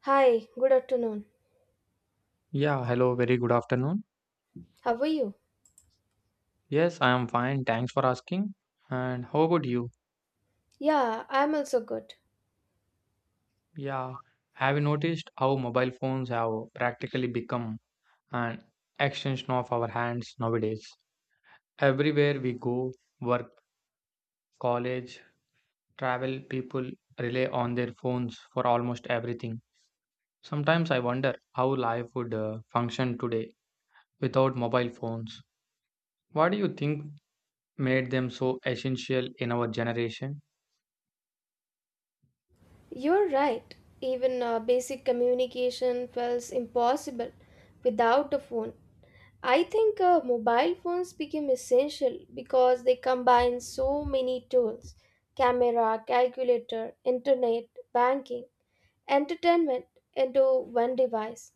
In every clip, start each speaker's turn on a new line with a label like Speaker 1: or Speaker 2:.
Speaker 1: Hi, good afternoon.
Speaker 2: Yeah, hello, very good afternoon.
Speaker 1: How are you?
Speaker 2: Yes, I am fine, thanks for asking. And how about you?
Speaker 1: Yeah, I'm also good.
Speaker 2: Yeah, have you noticed how mobile phones have practically become an extension of our hands nowadays? Everywhere we go, work, college, travel, people rely on their phones for almost everything. Sometimes I wonder how life would function today without mobile phones. What do you think made them so essential in our generation?
Speaker 1: You're right. Even basic communication feels impossible without a phone. I think mobile phones became essential because they combine so many tools, camera, calculator, internet, banking, entertainment into one device.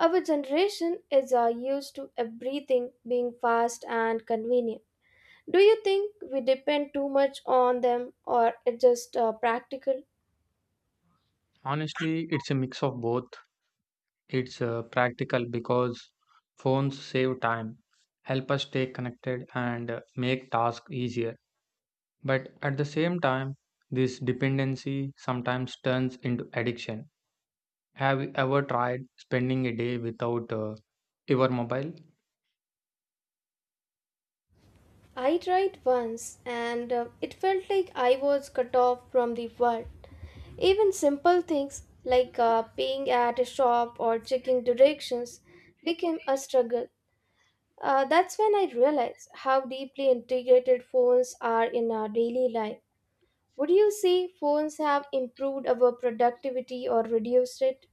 Speaker 1: Our generation is used to everything being fast and convenient. Do you think we depend too much on them or it's just practical?
Speaker 2: Honestly, it's a mix of both. It's practical because phones save time, help us stay connected, and make tasks easier. But at the same time, this dependency sometimes turns into addiction. Have you ever tried spending a day without your mobile?
Speaker 1: I tried once and it felt like I was cut off from the world. Even simple things like paying at a shop or checking directions became a struggle. That's when I realized how deeply integrated phones are in our daily life. Would you say phones have improved our productivity or reduced it?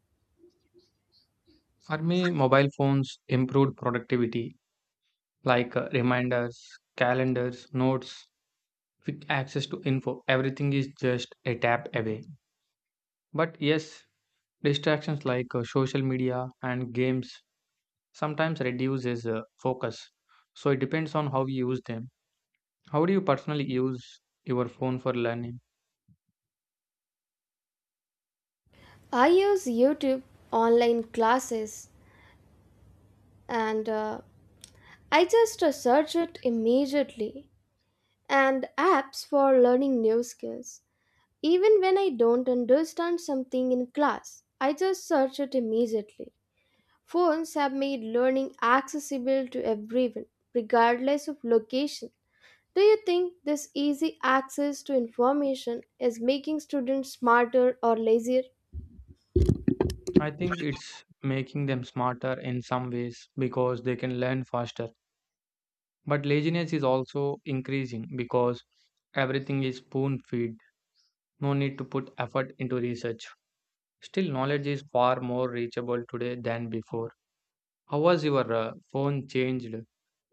Speaker 2: For me, mobile phones improved productivity, like reminders, calendars, notes, quick access to info. Everything is just a tap away. But yes, distractions like social media and games sometimes reduces focus. So it depends on how you use them. How do you personally use your phone for learning?
Speaker 1: I use YouTube, online classes, and I just search it immediately. And apps for learning new skills. Even when I don't understand something in class, I just search it immediately. Phones have made learning accessible to everyone, regardless of location. Do you think this easy access to information is making students smarter or lazier?
Speaker 2: I think it's making them smarter in some ways because they can learn faster. But laziness is also increasing because everything is spoon feed. No need to put effort into research. Still, knowledge is far more reachable today than before. How was your phone changed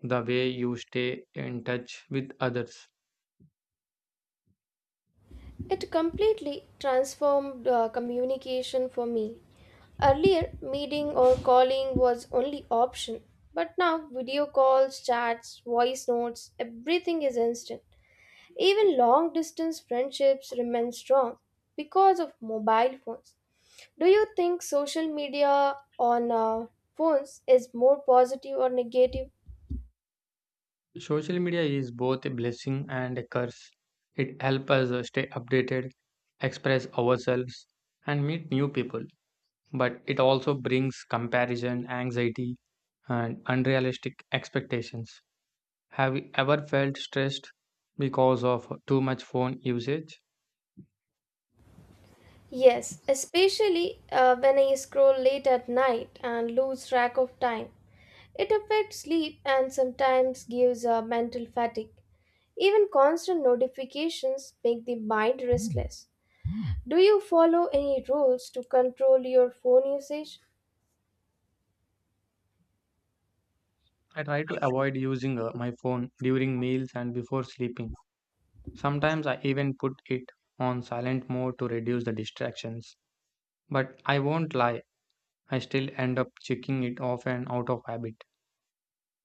Speaker 2: the way you stay in touch with others?
Speaker 1: It completely transformed communication for me. Earlier, meeting or calling was only option, but now video calls, chats, voice notes, everything is instant. Even long distance friendships remain strong because of mobile phones. Do you think social media on phones is more positive or negative?
Speaker 2: Social media is both a blessing and a curse. It helps us stay updated, express ourselves, and meet new people. But it also brings comparison, anxiety, and unrealistic expectations. Have you ever felt stressed because of too much phone usage?
Speaker 1: Yes, especially when I scroll late at night and lose track of time. It affects sleep and sometimes gives a mental fatigue. Even constant notifications make the mind restless. Do you follow any rules to control your phone usage?
Speaker 2: I try to avoid using my phone during meals and before sleeping. Sometimes I even put it on silent mode to reduce the distractions. But I won't lie, I still end up checking it off and out of habit.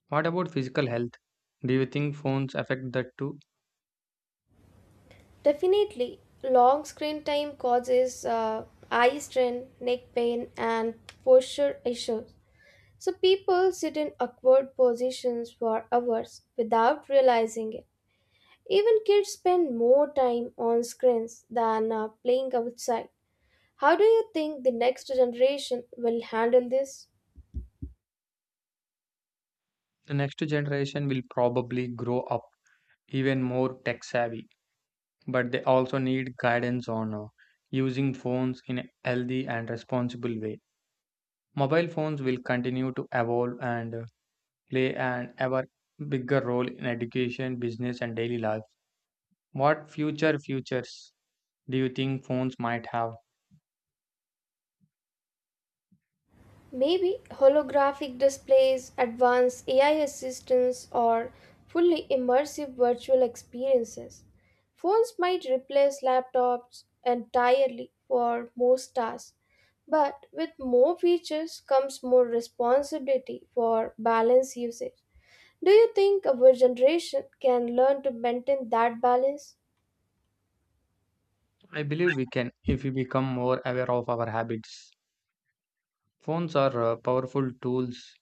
Speaker 2: What about physical health? Do you think phones affect that too?
Speaker 1: Definitely, long screen time causes eye strain, neck pain, and posture issues. So, people sit in awkward positions for hours without realizing it. Even kids spend more time on screens than playing outside. How do you think the next generation will handle this?
Speaker 2: The next generation will probably grow up even more tech savvy, but they also need guidance on using phones in a healthy and responsible way. Mobile phones will continue to evolve and play an ever bigger role in education, business, and daily life. What futures do you think phones might have?
Speaker 1: Maybe holographic displays, advanced AI assistants, or fully immersive virtual experiences. Phones might replace laptops entirely for most tasks, but with more features comes more responsibility for balanced usage. Do you think our generation can learn to maintain that balance?
Speaker 2: I believe we can if we become more aware of our habits. Phones are powerful tools.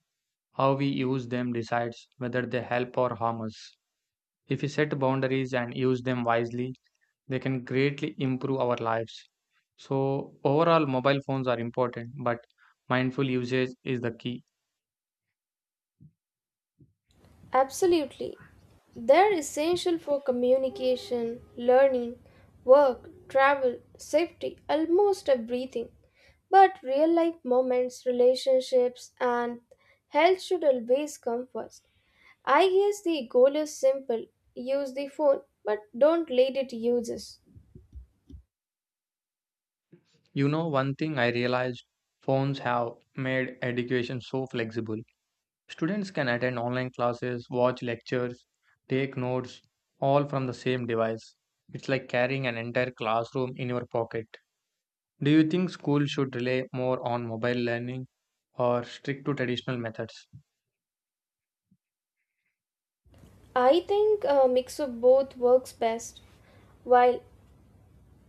Speaker 2: How we use them decides whether they help or harm us. If we set boundaries and use them wisely, they can greatly improve our lives. So, overall, mobile phones are important, but mindful usage is the key.
Speaker 1: Absolutely. They're essential for communication, learning, work, travel, safety, almost everything. But real life moments, relationships, and health should always come first. I guess the goal is simple, use the phone, but don't let it use us.
Speaker 2: You know, one thing I realized, phones have made education so flexible. Students can attend online classes, watch lectures, take notes, all from the same device. It's like carrying an entire classroom in your pocket. Do you think school should rely more on mobile learning or stick to traditional methods?
Speaker 1: I think a mix of both works best. While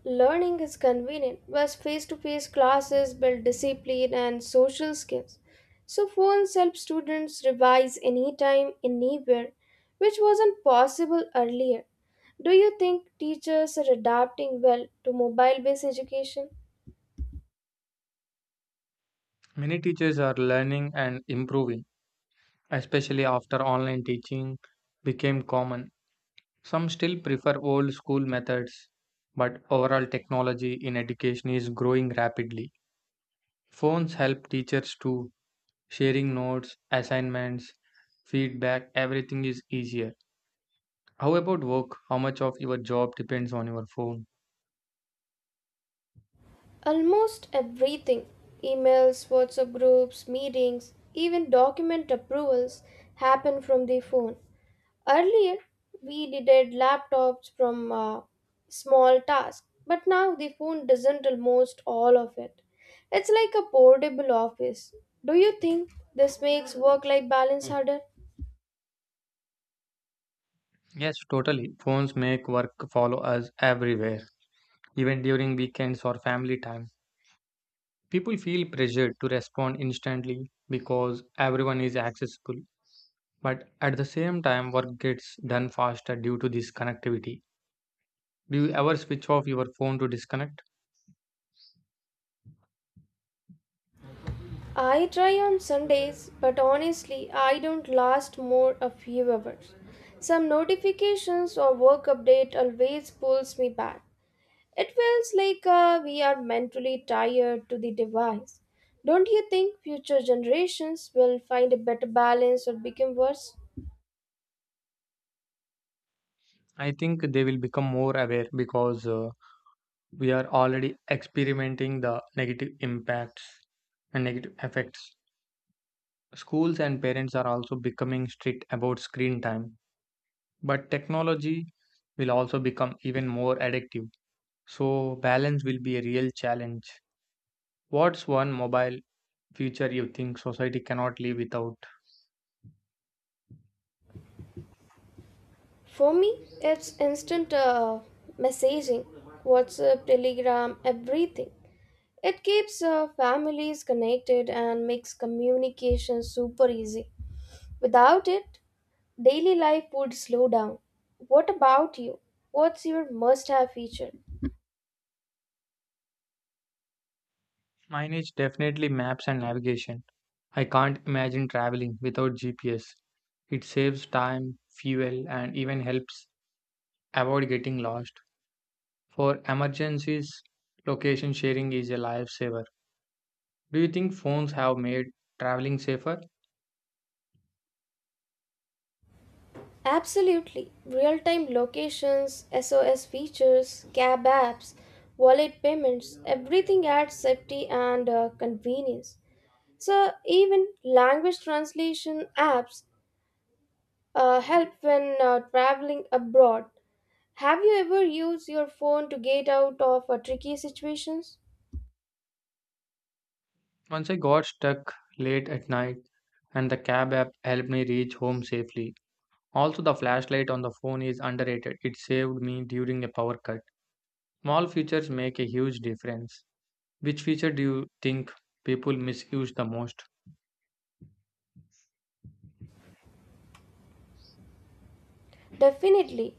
Speaker 1: learning is convenient, whereas face to face classes build discipline and social skills. So, phones help students revise anytime, anywhere, which wasn't possible earlier. Do you think teachers are adapting well to mobile based education?
Speaker 2: Many teachers are learning and improving, especially after online teaching became common. Some still prefer old school methods, but overall technology in education is growing rapidly. Phones help teachers too, sharing notes, assignments, feedback, everything is easier. How about work? How much of your job depends on your phone?
Speaker 1: Almost everything, emails, WhatsApp groups, meetings, even document approvals happen from the phone. Earlier, we needed laptops from small tasks, but now the phone doesn't almost all of it. It's like a portable office. Do you think this makes work life balance harder?
Speaker 2: Yes, totally. Phones make work follow us everywhere, even during weekends or family time. People feel pressured to respond instantly because everyone is accessible. But at the same time, work gets done faster due to this connectivity. Do you ever switch off your phone to disconnect?
Speaker 1: I try on Sundays, but honestly, I don't last more a few hours. Some notifications or work update always pulls me back. It feels like we are mentally tired to the device. Don't you think future generations will find a better balance or become worse?
Speaker 2: I think they will become more aware because we are already experimenting the negative impacts and negative effects. Schools and parents are also becoming strict about screen time, but technology will also become even more addictive. So, balance will be a real challenge. What's one mobile feature you think society cannot live without?
Speaker 1: For me, it's instant messaging, WhatsApp, Telegram, everything. It keeps families connected and makes communication super easy. Without it, daily life would slow down. What about you? What's your must have feature?
Speaker 2: Mine is definitely maps and navigation. I can't imagine traveling without GPS. It saves time, fuel, and even helps avoid getting lost. For emergencies, location sharing is a lifesaver. Do you think phones have made traveling safer?
Speaker 1: Absolutely. Real time locations, SOS features, cab apps, wallet payments, everything adds safety and convenience. So, even language translation apps help when traveling abroad. Have you ever used your phone to get out of tricky situations?
Speaker 2: Once I got stuck late at night and the cab app helped me reach home safely. Also, the flashlight on the phone is underrated. It saved me during a power cut. Small features make a huge difference. Which feature do you think people misuse the most?
Speaker 1: Definitely.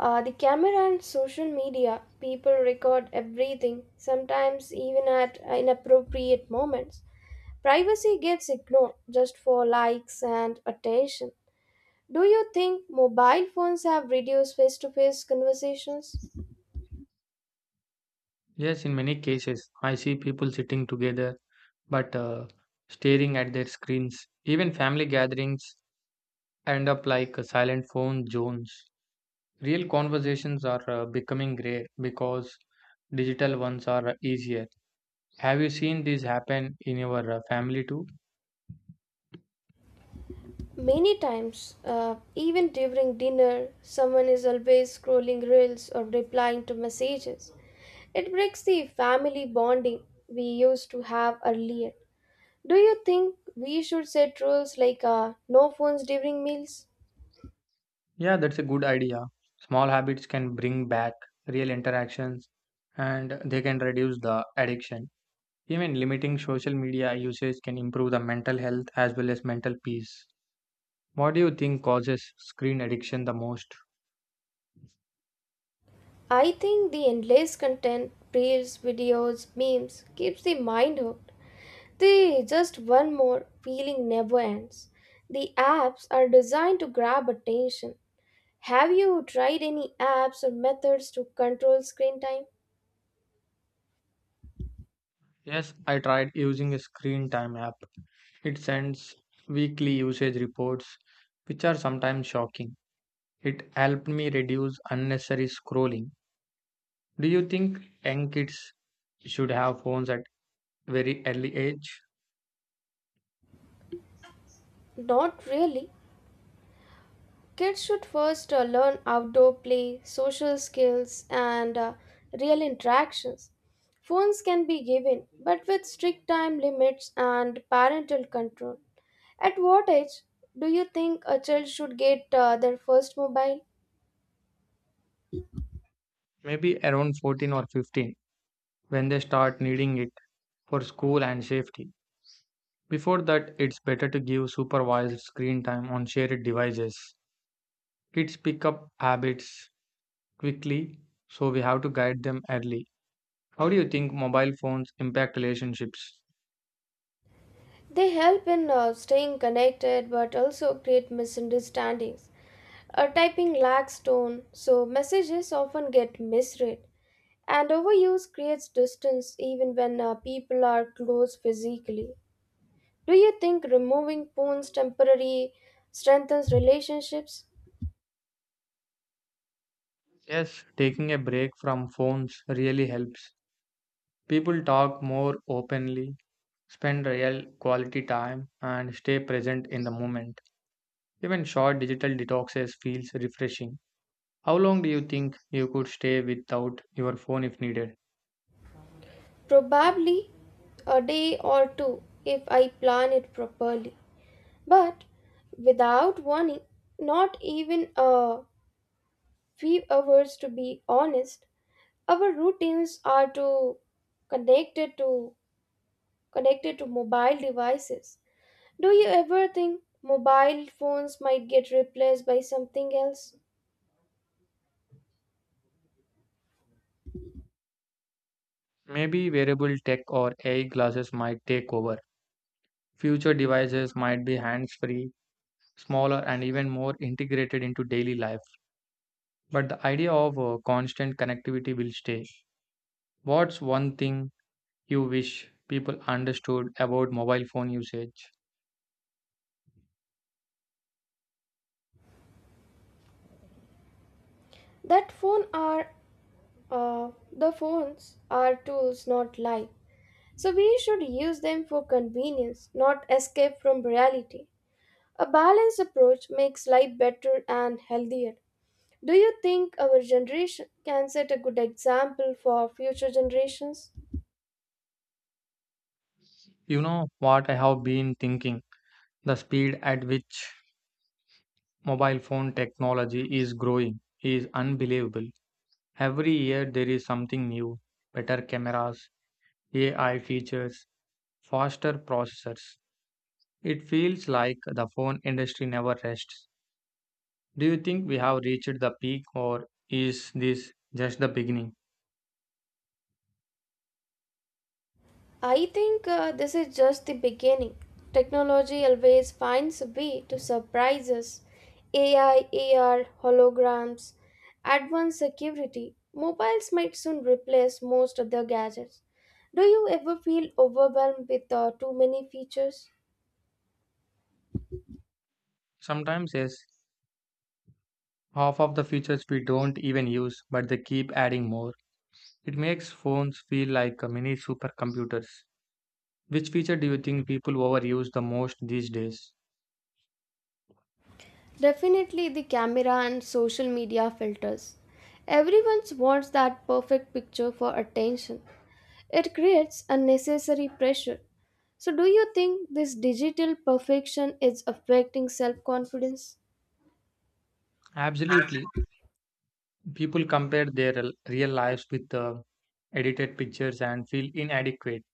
Speaker 1: The camera and social media, people record everything, sometimes even at inappropriate moments. Privacy gets ignored just for likes and attention. Do you think mobile phones have reduced face to face conversations?
Speaker 2: Yes, in many cases, I see people sitting together but staring at their screens. Even family gatherings end up like a silent phone zones. Real conversations are becoming rare because digital ones are easier. Have you seen this happen in your family too?
Speaker 1: Many times, even during dinner, someone is always scrolling reels or replying to messages. It breaks the family bonding we used to have earlier. Do you think we should set rules like no phones during meals?
Speaker 2: Yeah, that's a good idea. Small habits can bring back real interactions and they can reduce the addiction. Even limiting social media usage can improve the mental health as well as mental peace. What do you think causes screen addiction the most?
Speaker 1: I think the endless content, reels, videos, memes keeps the mind hooked. They just one more feeling never ends. The apps are designed to grab attention. Have you tried any apps or methods to control screen time?
Speaker 2: Yes, I tried using a screen time app. It sends weekly usage reports, which are sometimes shocking. It helped me reduce unnecessary scrolling. Do you think young kids should have phones at very early age?
Speaker 1: Not really. Kids should first learn outdoor play, social skills, and real interactions. Phones can be given, but with strict time limits and parental control. At what age do you think a child should get their first mobile?
Speaker 2: Maybe around 14 or 15 when they start needing it for school and safety. Before that, it's better to give supervised screen time on shared devices. Kids pick up habits quickly, so we have to guide them early. How do you think mobile phones impact relationships?
Speaker 1: They help in staying connected but also create misunderstandings. Typing lacks tone, so messages often get misread. And overuse creates distance even when people are close physically. Do you think removing phones temporarily strengthens relationships?
Speaker 2: Yes, taking a break from phones really helps. People talk more openly, spend real quality time, and stay present in the moment. Even short digital detoxes feels refreshing. How long do you think you could stay without your phone if needed?
Speaker 1: Probably a day or two if I plan it properly. But without warning, not even a few hours, to be honest. Our routines are too connected to connected to mobile devices. Do you ever think mobile phones might get replaced by something else?
Speaker 2: Maybe wearable tech or AI glasses might take over. Future devices might be hands-free, smaller, and even more integrated into daily life, but the idea of constant connectivity will stay. What's one thing you wish people understood about mobile phone usage?
Speaker 1: That phone are uh, the phones are tools not life, so we should use them for convenience not escape from reality. A balanced approach makes life better and healthier. Do you think our generation can set a good example for future generations?
Speaker 2: You know what I have been thinking? The speed at which mobile phone technology is growing is unbelievable. Every year there is something new, better cameras, AI features, faster processors. It feels like the phone industry never rests. Do you think we have reached the peak or is this just the beginning?
Speaker 1: I think this is just the beginning. Technology always finds a way to surprise us. AI, AR, holograms, advanced security. Mobiles might soon replace most other gadgets. Do you ever feel overwhelmed with too many features?
Speaker 2: Sometimes, yes, half of the features we don't even use, but they keep adding more. It makes phones feel like a mini supercomputers. Which feature do you think people overuse the most these days?
Speaker 1: Definitely the camera and social media filters. Everyone wants that perfect picture for attention. It creates unnecessary pressure. So, do you think this digital perfection is affecting self confidence?
Speaker 2: Absolutely. People compare their real lives with the edited pictures and feel inadequate.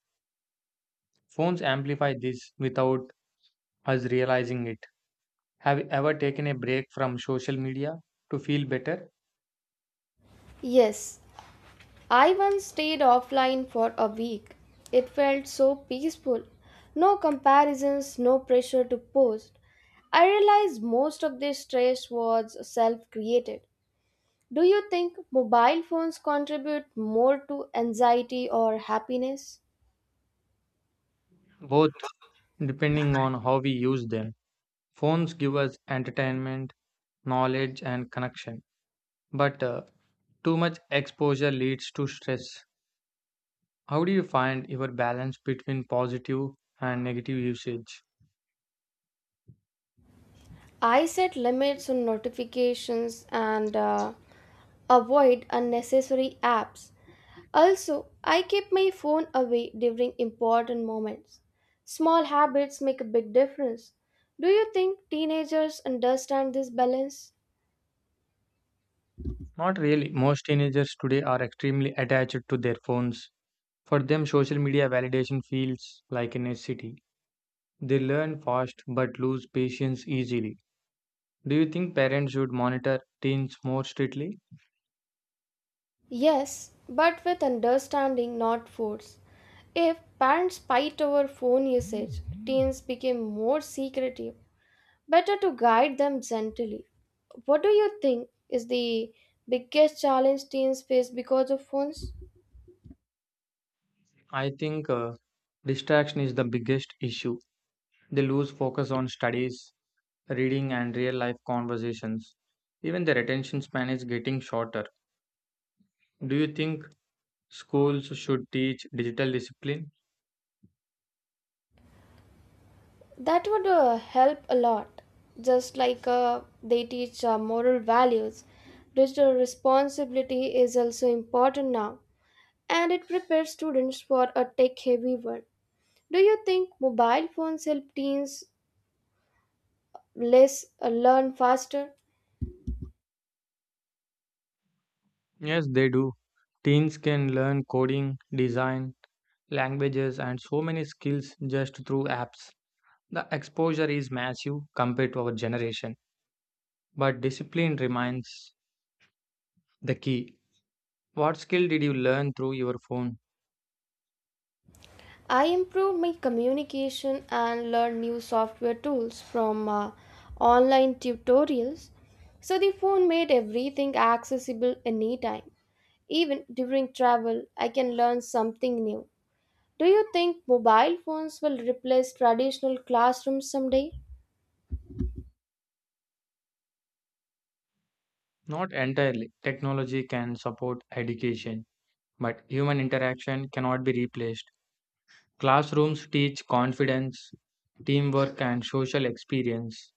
Speaker 2: Phones amplify this without us realizing it. Have you ever taken a break from social media to feel better?
Speaker 1: Yes, I once stayed offline for a week. It felt so peaceful. No comparisons, no pressure to post. I realized most of this stress was self created. Do you think mobile phones contribute more to anxiety or happiness?
Speaker 2: Both, depending on how we use them. Phones give us entertainment, knowledge, and connection. But too much exposure leads to stress. How do you find your balance between positive and negative usage?
Speaker 1: I set limits on notifications and avoid unnecessary apps. Also, I keep my phone away during important moments. Small habits make a big difference. Do you think teenagers understand this balance?
Speaker 2: Not really. Most teenagers today are extremely attached to their phones. For them, social media validation feels like a necessity. They learn fast but lose patience easily. Do you think parents should monitor teens more strictly?
Speaker 1: Yes, but with understanding, not force. If parents fight over phone usage, teens become more secretive. Better to guide them gently. What do you think is the biggest challenge teens face because of phones?
Speaker 2: I think distraction is the biggest issue. They lose focus on studies, reading, and real life conversations. Even their attention span is getting shorter. Do you think schools should teach digital discipline?
Speaker 1: That would help a lot. Just like they teach moral values, digital responsibility is also important now, and it prepares students for a tech heavy world. Do you think mobile phones help teens less learn faster?
Speaker 2: Yes, they do. Teens can learn coding, design, languages, and so many skills just through apps. The exposure is massive compared to our generation, but discipline remains the key. What skill did you learn through your phone?
Speaker 1: I improved my communication and learn new software tools from online tutorials. So the phone made everything accessible anytime. Even during travel, I can learn something new. Do you think mobile phones will replace traditional classrooms someday?
Speaker 2: Not entirely. Technology can support education, but human interaction cannot be replaced. Classrooms teach confidence, teamwork, and social experience.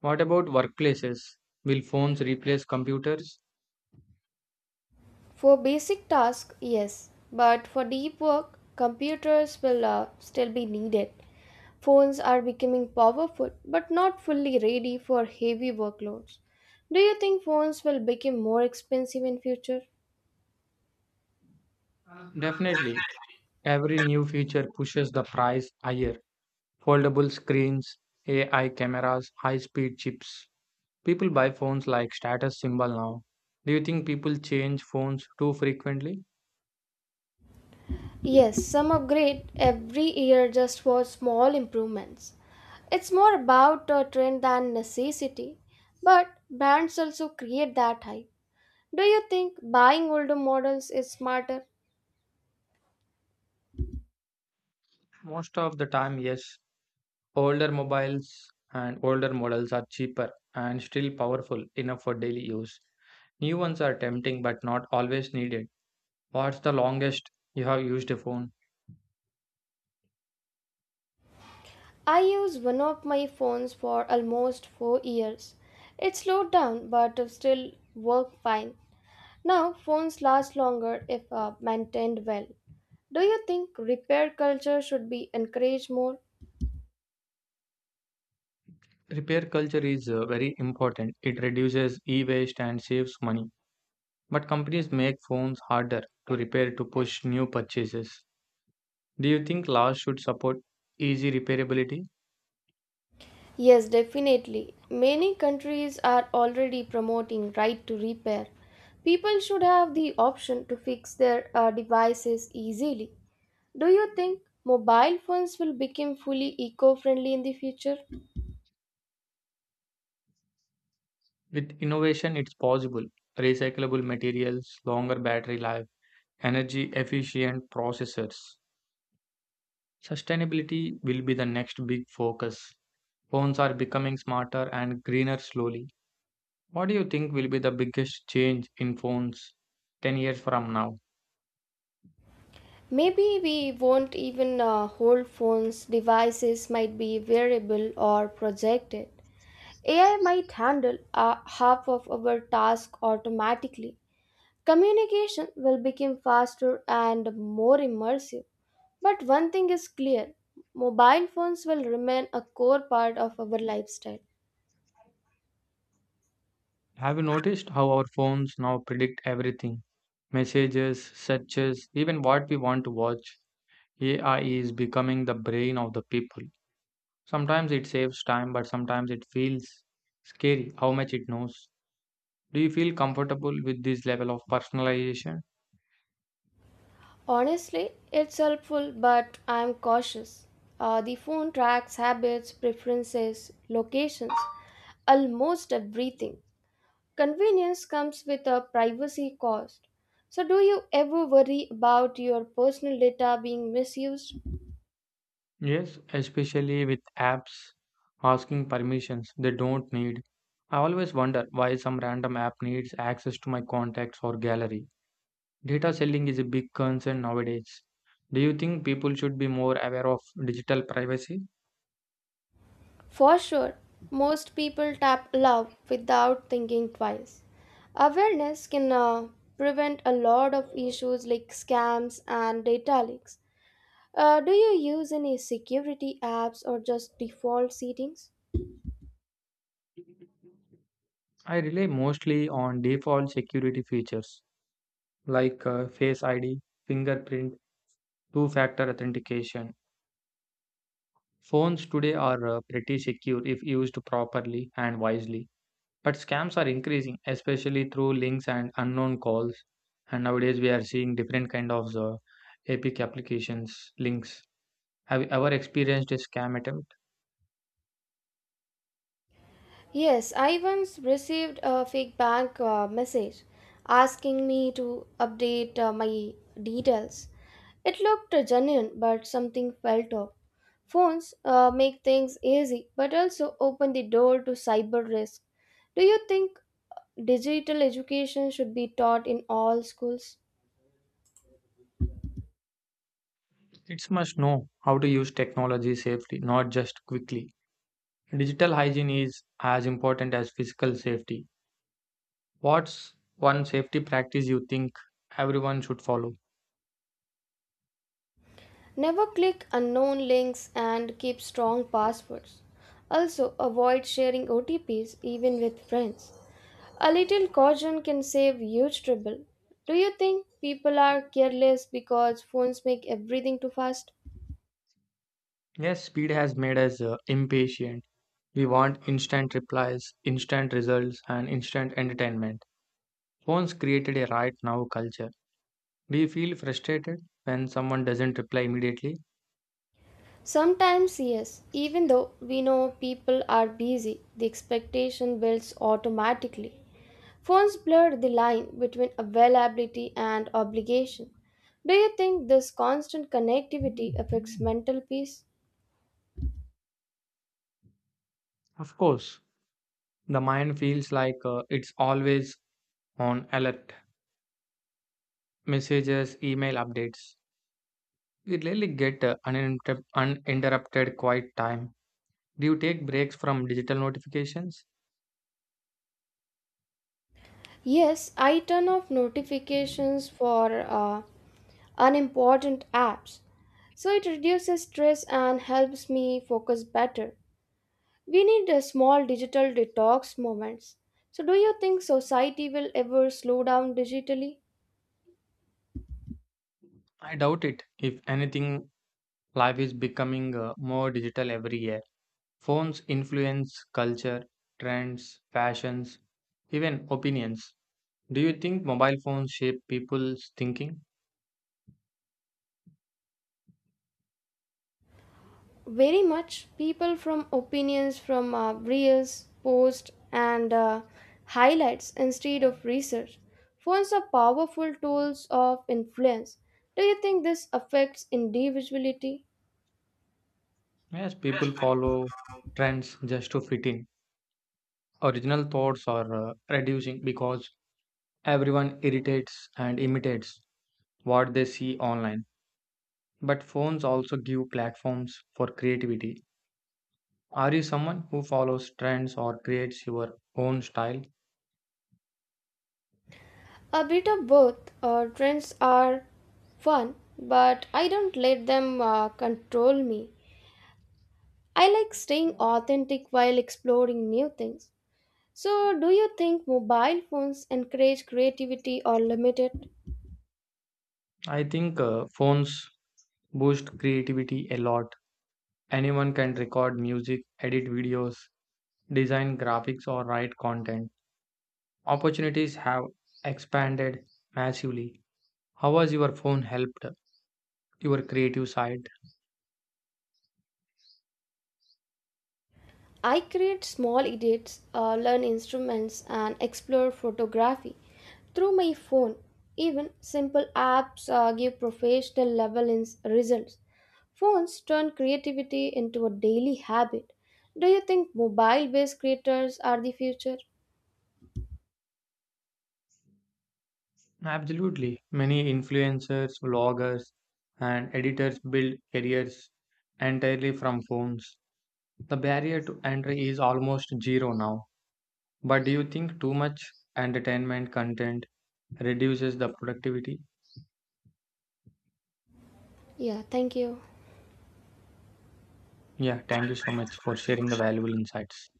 Speaker 2: What about workplaces? Will phones replace computers?
Speaker 1: For basic tasks, yes, but for deep work, computers will still be needed. Phones are becoming powerful but not fully ready for heavy workloads. Do you think phones will become more expensive in future?
Speaker 2: Definitely. Every new feature pushes the price higher. Foldable screens, AI cameras, high speed chips. People buy phones like status symbol now. Do you think people change phones too frequently?
Speaker 1: Yes, some upgrade every year just for small improvements. It's more about a trend than necessity, but brands also create that hype. Do you think buying older models is smarter?
Speaker 2: Most of the time, yes. Older mobiles Older models are cheaper and still powerful enough for daily use. New ones are tempting but not always needed. What's the longest you have used a phone?
Speaker 1: I used one of my phones for almost 4 years. It slowed down but still worked fine. Now phones last longer if maintained well. Do you think repair culture should be encouraged more?
Speaker 2: Repair culture is very important. It reduces e waste and saves money. But companies make phones harder to repair to push new purchases. Do you think laws should support easy repairability?
Speaker 1: Yes, definitely. Many countries are already promoting right to repair. People should have the option to fix their devices easily. Do you think mobile phones will become fully eco-friendly in the future?
Speaker 2: With innovation, it's possible. Recyclable materials, longer battery life, energy efficient processors. Sustainability will be the next big focus. Phones are becoming smarter and greener slowly. What do you think will be the biggest change in phones 10 years from now?
Speaker 1: Maybe we won't even hold phones. Devices might be wearable or projected. AI might handle half of our task automatically. Communication will become faster and more immersive. But one thing is clear, mobile phones will remain a core part of our lifestyle.
Speaker 2: Have you noticed how our phones now predict everything? Messages, searches, even what we want to watch. AI is becoming the brain of the people. Sometimes it saves time, but sometimes it feels scary how much it knows. Do you feel comfortable with this level of personalization?
Speaker 1: Honestly, it's helpful, but I'm cautious. The phone tracks habits, preferences, locations, almost everything. Convenience comes with a privacy cost. So, do you ever worry about your personal data being misused?
Speaker 2: Yes, especially with apps asking permissions they don't need. I always wonder why some random app needs access to my contacts or gallery. Data selling is a big concern nowadays. Do you think people should be more aware of digital privacy?
Speaker 1: For sure, most people tap love without thinking twice. Awareness can prevent a lot of issues like scams and data leaks. Do you use any security apps or just default settings?
Speaker 2: I rely mostly on default security features like Face ID, fingerprint, two factor authentication. Phones today are pretty secure if used properly and wisely. But scams are increasing, especially through links and unknown calls. And nowadays we are seeing different kind of epic applications links. Have you ever experienced a scam attempt?
Speaker 1: Yes, I once received a fake bank message asking me to update my details. It looked genuine, but something felt off. Phones make things easy, but also open the door to cyber risk. Do you think digital education should be taught in all schools?
Speaker 2: It's must know how to use technology safely, not just quickly. Digital hygiene is as important as physical safety. What's one safety practice you think everyone should follow?
Speaker 1: Never click unknown links and keep strong passwords. Also, avoid sharing OTPs even with friends. A little caution can save huge trouble. Do you think people are careless because phones make everything too fast?
Speaker 2: Yes, speed has made us impatient. We want instant replies, instant results, and instant entertainment. Phones created a right now culture. Do you feel frustrated when someone doesn't reply immediately?
Speaker 1: Sometimes, yes. Even though we know people are busy, the expectation builds automatically. Phones blur the line between availability and obligation. Do you think this constant connectivity affects mental peace?
Speaker 2: Of course, the mind feels like it's always on alert. Messages, email updates. We rarely get uninterrupted quiet time. Do you take breaks from digital notifications?
Speaker 1: Yes, I turn off notifications for unimportant apps. So it reduces stress and helps me focus better. We need a small digital detox moments. So do you think society will ever slow down digitally?
Speaker 2: I doubt it. If anything, life is becoming more digital every year. Phones influence culture, trends, fashions, even opinions. Do you think mobile phones shape people's thinking?
Speaker 1: Very much. People from opinions from reels, posts, and highlights instead of research. Phones are powerful tools of influence. Do you think this affects individuality?
Speaker 2: Yes, people follow trends just to fit in. Original thoughts are reducing because everyone irritates and imitates what they see online. But phones also give platforms for creativity. Are you someone who follows trends or creates your own style?
Speaker 1: A bit of both. Trends are fun, but I don't let them control me. I like staying authentic while exploring new things. So, do you think mobile phones encourage creativity or limit it?
Speaker 2: I think phones boost creativity a lot. Anyone can record music, edit videos, design graphics, or write content. Opportunities have expanded massively. How has your phone helped your creative side?
Speaker 1: I create small edits, learn instruments, and explore photography through my phone. Even simple apps give professional level in- results. Phones turn creativity into a daily habit. Do you think mobile based creators are the future?
Speaker 2: Absolutely. Many influencers, vloggers, and editors build careers entirely from phones. The barrier to entry is almost zero now. But do you think too much entertainment content reduces the productivity?
Speaker 1: Yeah, thank you.
Speaker 2: Yeah, thank you so much for sharing the valuable insights.